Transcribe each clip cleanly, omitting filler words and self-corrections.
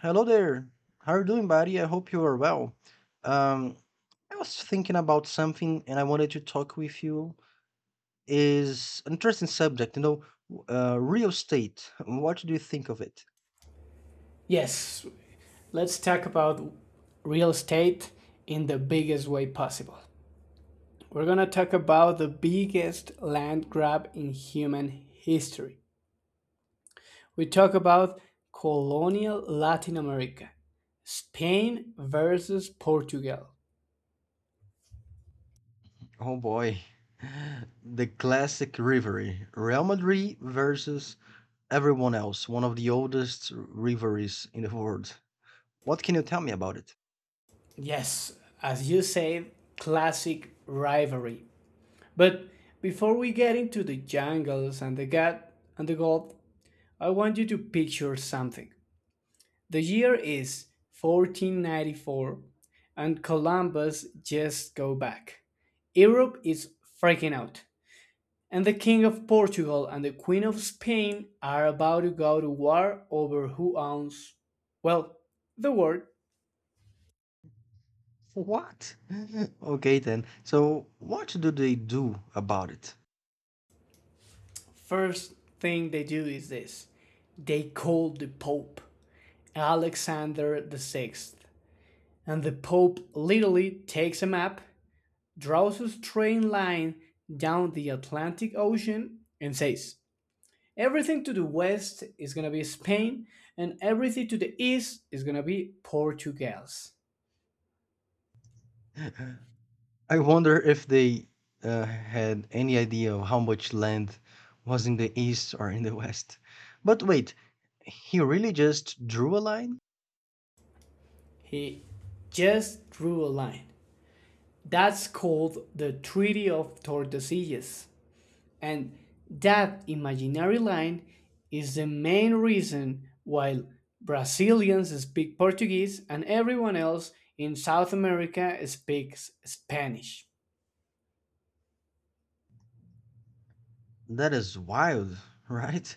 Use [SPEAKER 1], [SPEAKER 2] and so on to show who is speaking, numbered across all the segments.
[SPEAKER 1] Hello there. How are you doing, buddy? I hope you are well. Um, I was thinking about something and I wanted to talk with you. Is an interesting subject, you know, real estate. What do you think of it?
[SPEAKER 2] Yes, let's talk about real estate in the biggest way possible. We're going to talk about the biggest land grab in human history. We talk about colonial Latin America, Spain versus Portugal.
[SPEAKER 1] Oh boy. The classic rivalry. Real Madrid versus everyone else, one of the oldest rivalries in the world. What can you tell me about it?
[SPEAKER 2] Yes, as you say, classic rivalry. But before we get into the jungles and the gut and the gold, I want you to picture something. The year is 1494, and Columbus just go back. Europe is freaking out, and the King of Portugal and the Queen of Spain are about to go to war over who owns, well, the world.
[SPEAKER 1] What? Okay then. So, what do they do about it?
[SPEAKER 2] First thing they do is this: they call the Pope, Alexander the Sixth, and the Pope literally takes a map, draws a straight line down the Atlantic Ocean, and says, everything to the west is going to be Spain and everything to the east is going to be Portugal's.
[SPEAKER 1] I wonder if they had any idea of how much land was in the east or in the west. But wait, he really just drew a line?
[SPEAKER 2] He just drew a line. That's called the Treaty of Tordesillas. And that imaginary line is the main reason why Brazilians speak Portuguese and everyone else in South America speaks Spanish.
[SPEAKER 1] That is wild, right?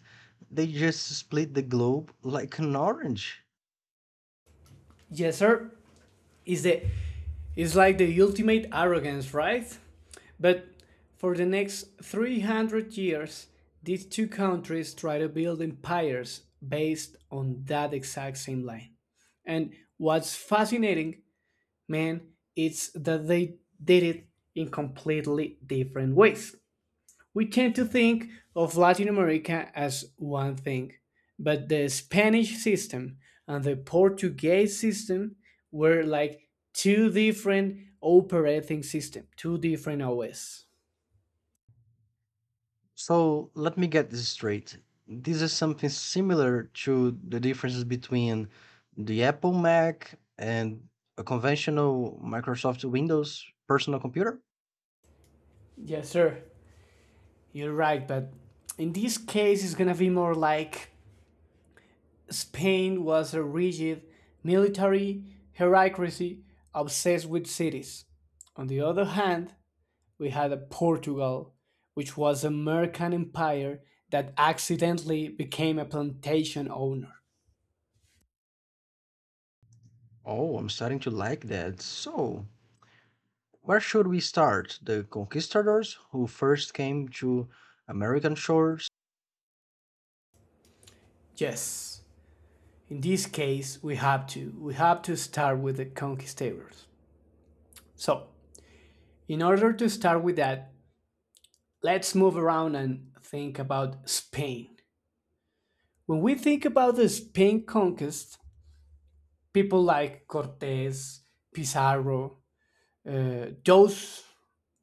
[SPEAKER 1] They just split the globe like an orange.
[SPEAKER 2] Yes, sir. It's the it's like the ultimate arrogance, right? But for the next 300 years, these two countries try to build empires based on that exact same line. And what's fascinating, man, it's that they did it in completely different ways. We tend to think of Latin America as one thing, but the Spanish system and the Portuguese system were like two different operating systems, two different OS.
[SPEAKER 1] So let me get this straight. This is something similar to the differences between the Apple Mac and a conventional Microsoft Windows personal computer?
[SPEAKER 2] Yes, sir, you're right, but in this case, it's gonna be more like Spain was a rigid military hierarchy obsessed with cities. On the other hand, we had a Portugal, which was a American empire that accidentally became a plantation owner.
[SPEAKER 1] Oh, I'm starting to like that. So, where should we start? The conquistadors who first came to American shores?
[SPEAKER 2] Yes, in this case, we have to. We have to start with the conquistadors. So, in order to start with that, let's move around and think about Spain. When we think about the Spain conquest, people like Cortes, Pizarro, uh, those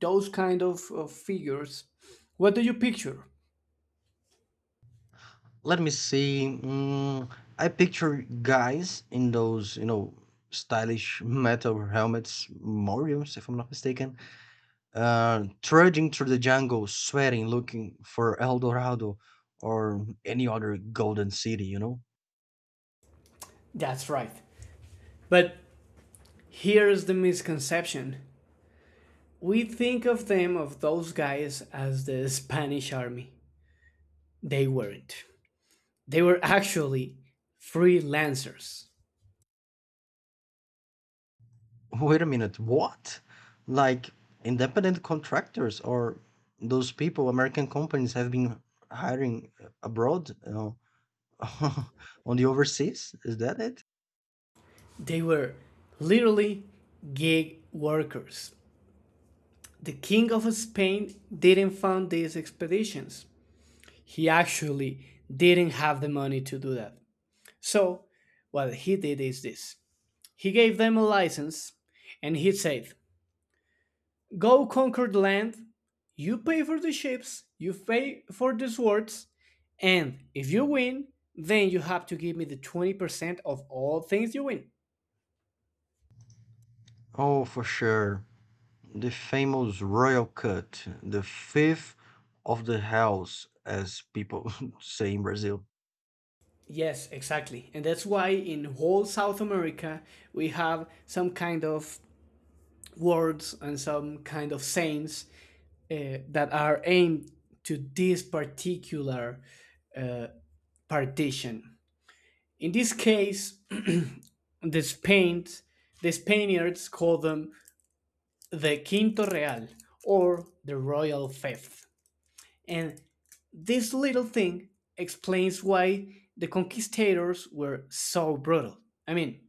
[SPEAKER 2] those kind of figures, what do you picture?
[SPEAKER 1] Let me see. I picture guys in those, you know, stylish metal helmets, Moriums, if I'm not mistaken, trudging through the jungle, sweating, looking for El Dorado or any other golden city, you know?
[SPEAKER 2] That's right, but here's the misconception. We think of those guys, as the Spanish army. They weren't. They were actually freelancers.
[SPEAKER 1] Wait a minute, what? Like independent contractors or those people American companies have been hiring abroad, you know, on the overseas? Is that it?
[SPEAKER 2] They were literally gig workers. The king of Spain didn't fund these expeditions. He actually didn't have the money to do that. So, what he did is this: he gave them a license, and he said, go conquer the land, you pay for the ships, you pay for the swords, and if you win, then you have to give me the 20% of all things you win.
[SPEAKER 1] Oh, for sure. The famous royal cut, the fifth of the house, as people say in Brazil.
[SPEAKER 2] Yes, exactly. And that's why in whole South America we have some kind of words and some kind of sayings that are aimed to this particular partition. In this case, the Spain, the Spaniards call them the Quinto Real or the Royal Fifth. And this little thing explains why the conquistadors were so brutal. I mean,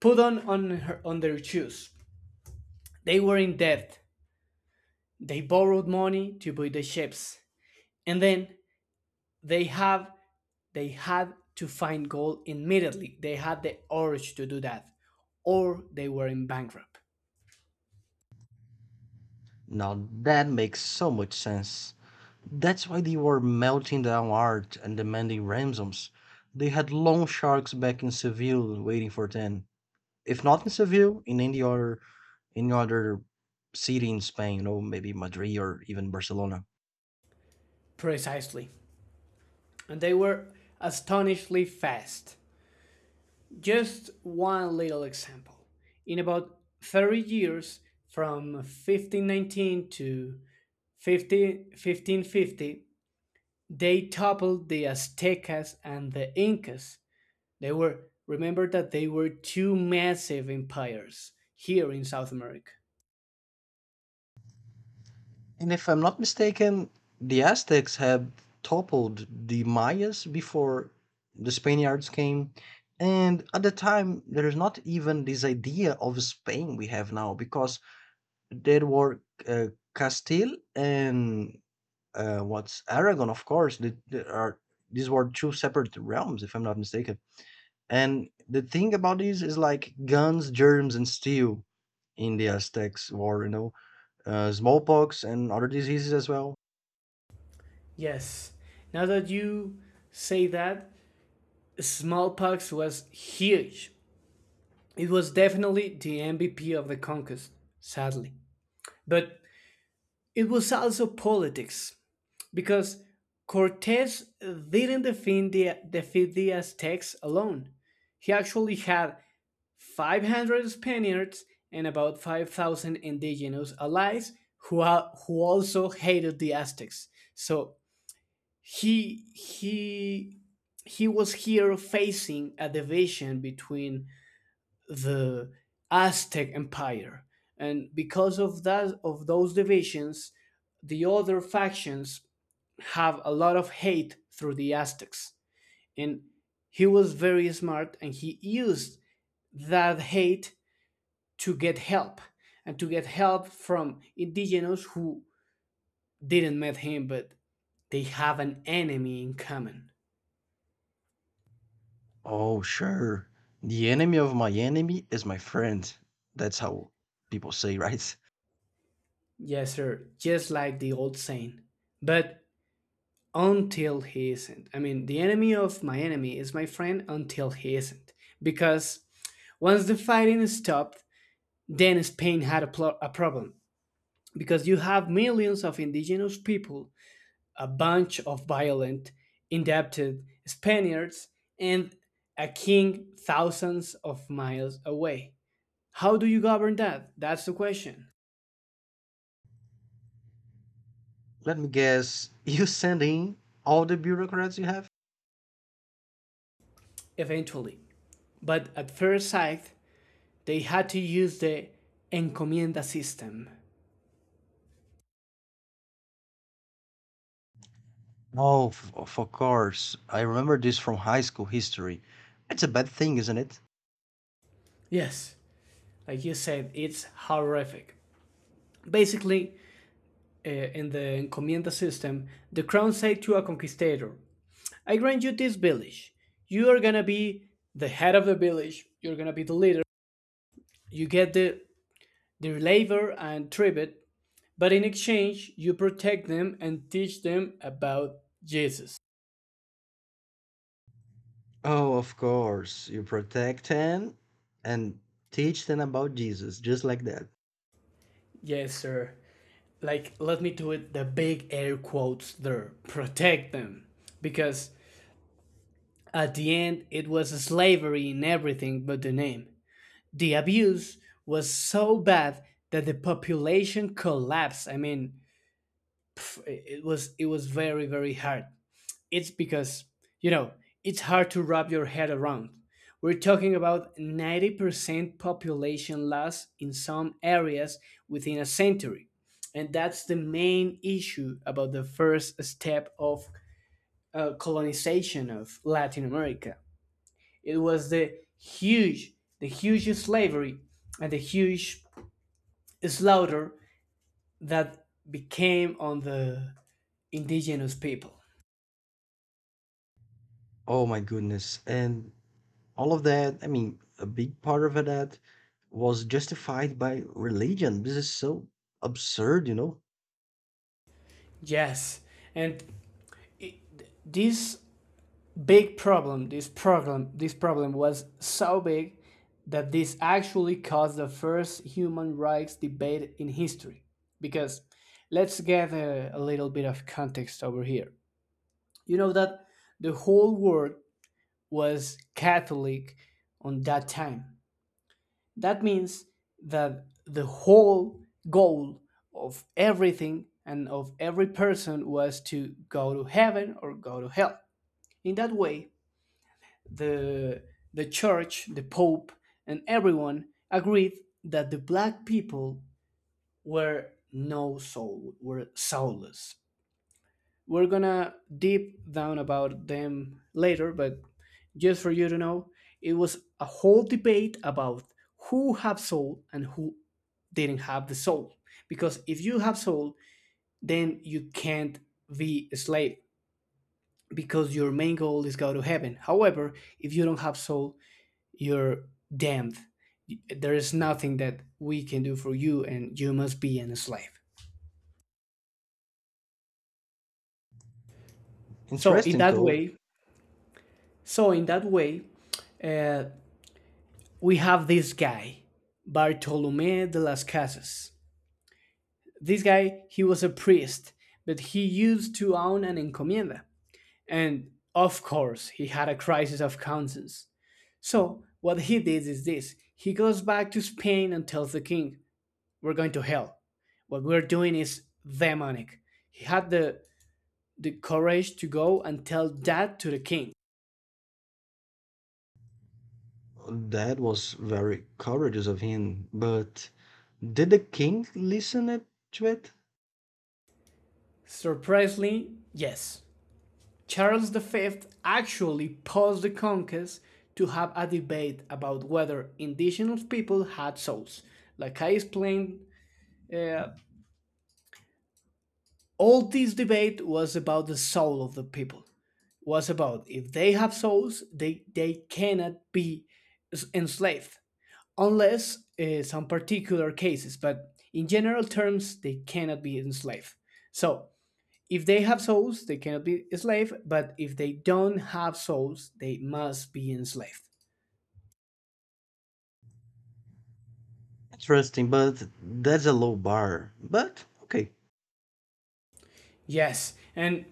[SPEAKER 2] put on their shoes. They were in debt. They borrowed money to buy the ships. And then they have they had to find gold immediately. They had the urge to do that or they were in bankrupt.
[SPEAKER 1] Now that makes so much sense. That's why they were melting down art and demanding ransoms. They had loan sharks back in Seville waiting for them. If not in Seville, in any other city in Spain, you know, maybe Madrid or even Barcelona.
[SPEAKER 2] Precisely. And they were astonishingly fast. Just one little example. In about 30 years, from 1519 to 1550, they toppled the Aztecas and the Incas. They were, remember that they were two massive empires here in South America.
[SPEAKER 1] And if I'm not mistaken, the Aztecs had toppled the Mayas before the Spaniards came. And at the time, there is not even this idea of Spain we have now because there were uh, Castile and what's Aragon, of course. They are these were two separate realms, if I'm not mistaken. And the thing about this is like guns, germs, and steel in the Aztecs war, you know, smallpox and other diseases as well.
[SPEAKER 2] Yes, now that you say that, smallpox was huge. It was definitely the MVP of the conquest, sadly. But it was also politics, because Cortes didn't defeat the Aztecs alone. He actually had 500 Spaniards and about 5,000 indigenous allies who also hated the Aztecs. So he, he, he was here facing a division between the Aztec Empire, and because of those divisions, the other factions have a lot of hate through the Aztecs. And he was very smart, and he used that hate to get help and to get help from indigenous who didn't met him, but they have an enemy in common.
[SPEAKER 1] Oh, sure. The enemy of my enemy is my friend. That's how people say, right?
[SPEAKER 2] Yes, sir, just like the old saying. But until he isn't. I mean, the enemy of my enemy is my friend until he isn't. Because once the fighting is stopped, then Spain had a problem. Because you have millions of indigenous people, a bunch of violent, indebted Spaniards, and a king thousands of miles away. How do you govern that? That's the question.
[SPEAKER 1] Let me guess. You send in all the bureaucrats you have?
[SPEAKER 2] Eventually. But at first sight, they had to use the encomienda system.
[SPEAKER 1] Oh, of course. I remember this from high school history. It's a bad thing, isn't it?
[SPEAKER 2] Yes, like you said, it's horrific. Basically, in the encomienda system, the crown said to a conquistador, I grant you this village. You are gonna be the head of the village, you're gonna be the leader, you get the labor and tribute, but in exchange, you protect them and teach them about Jesus.
[SPEAKER 1] Oh, of course. You protect them and teach them about Jesus, just like that.
[SPEAKER 2] Yes, sir. Like, let me do it the big air quotes there protect them. Because at the end, it was slavery in everything but the name. The abuse was so bad that the population collapsed. I mean, f- it was very hard. It's because you know it's hard to wrap your head around. We're talking about 90% population loss in some areas within a century. And that's the main issue about the first step of colonization of Latin America. It was the huge slavery and the huge slaughter that became on the indigenous people.
[SPEAKER 1] Oh my goodness. And all of that, I mean, a big part of that was justified by religion. This is so absurd, you know?
[SPEAKER 2] Yes, and this this problem was so big that this actually caused the first human rights debate in history. Because let's get a little bit of context over here. You know that the whole world was Catholic on that time. That means that the whole goal of everything and of every person was to go to heaven or go to hell. In that way, the the church, the pope, and everyone agreed that the black people were no soul, were soulless. We're gonna deep down about them later, but just for you to know, it was a whole debate about who have soul and who didn't have the soul. Because if you have soul, then you can't be a slave, because your main goal is go to heaven. However, if you don't have soul, you're damned. There is nothing that we can do for you and you must be an slave. so in
[SPEAKER 1] Interesting,
[SPEAKER 2] that
[SPEAKER 1] though.
[SPEAKER 2] way so in that way uh, we have this guy, Bartolome de las Casas. This guy, he was a priest, but he used to own an encomienda. And of course, he had a crisis of conscience. So, what he did is this: he goes back to Spain and tells the king, we're going to hell. What we're doing is demonic. He had the courage to go and tell that to the king.
[SPEAKER 1] That was very courageous of him. But did the king listen it, to it?
[SPEAKER 2] Surprisingly, yes, Charles V actually paused the conquest to have a debate about whether indigenous people had souls. Like I explained, uh, all this debate was about the soul of the people. Was about if they have souls, they cannot be enslaved unless some particular cases. But in general terms, they cannot be enslaved. So if they have souls, they cannot be enslaved, but if they don't have souls, they must be enslaved.
[SPEAKER 1] Interesting, but that's a low bar. But, okay.
[SPEAKER 2] Yes, and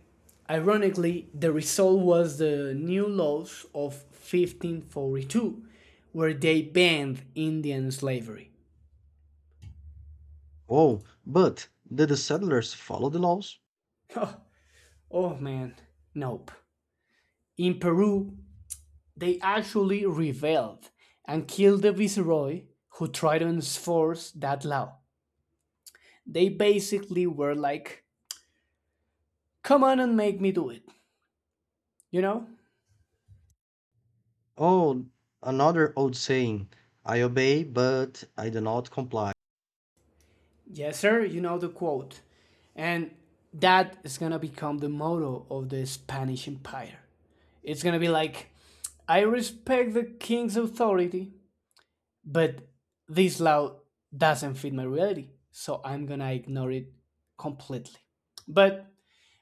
[SPEAKER 2] ironically, the result was the new laws of 1542, where they banned Indian slavery.
[SPEAKER 1] Oh, but did the settlers follow the laws?
[SPEAKER 2] Oh, oh man, nope. In Peru, they actually rebelled and killed the viceroy who tried to enforce that law. They basically were like, come on and make me do it, you know?
[SPEAKER 1] Oh, another old saying I obey, but I do not comply.
[SPEAKER 2] Yes, sir, you know the quote. And that is gonna become the motto of the Spanish Empire. It's gonna be like, I respect the king's authority, but this law doesn't fit my reality, so I'm gonna ignore it completely. But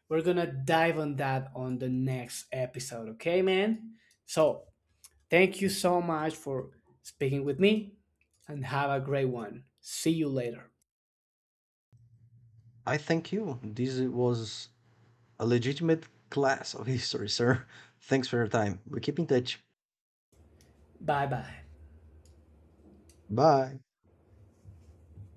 [SPEAKER 2] we're gonna dive on that on the next episode, okay, man? So thank you so much for speaking with me and have a great one. See you later.
[SPEAKER 1] "I thank you. This was a legitimate class of history, sir. Thanks for your time. We keep in touch.
[SPEAKER 2] Bye bye.
[SPEAKER 1] Bye."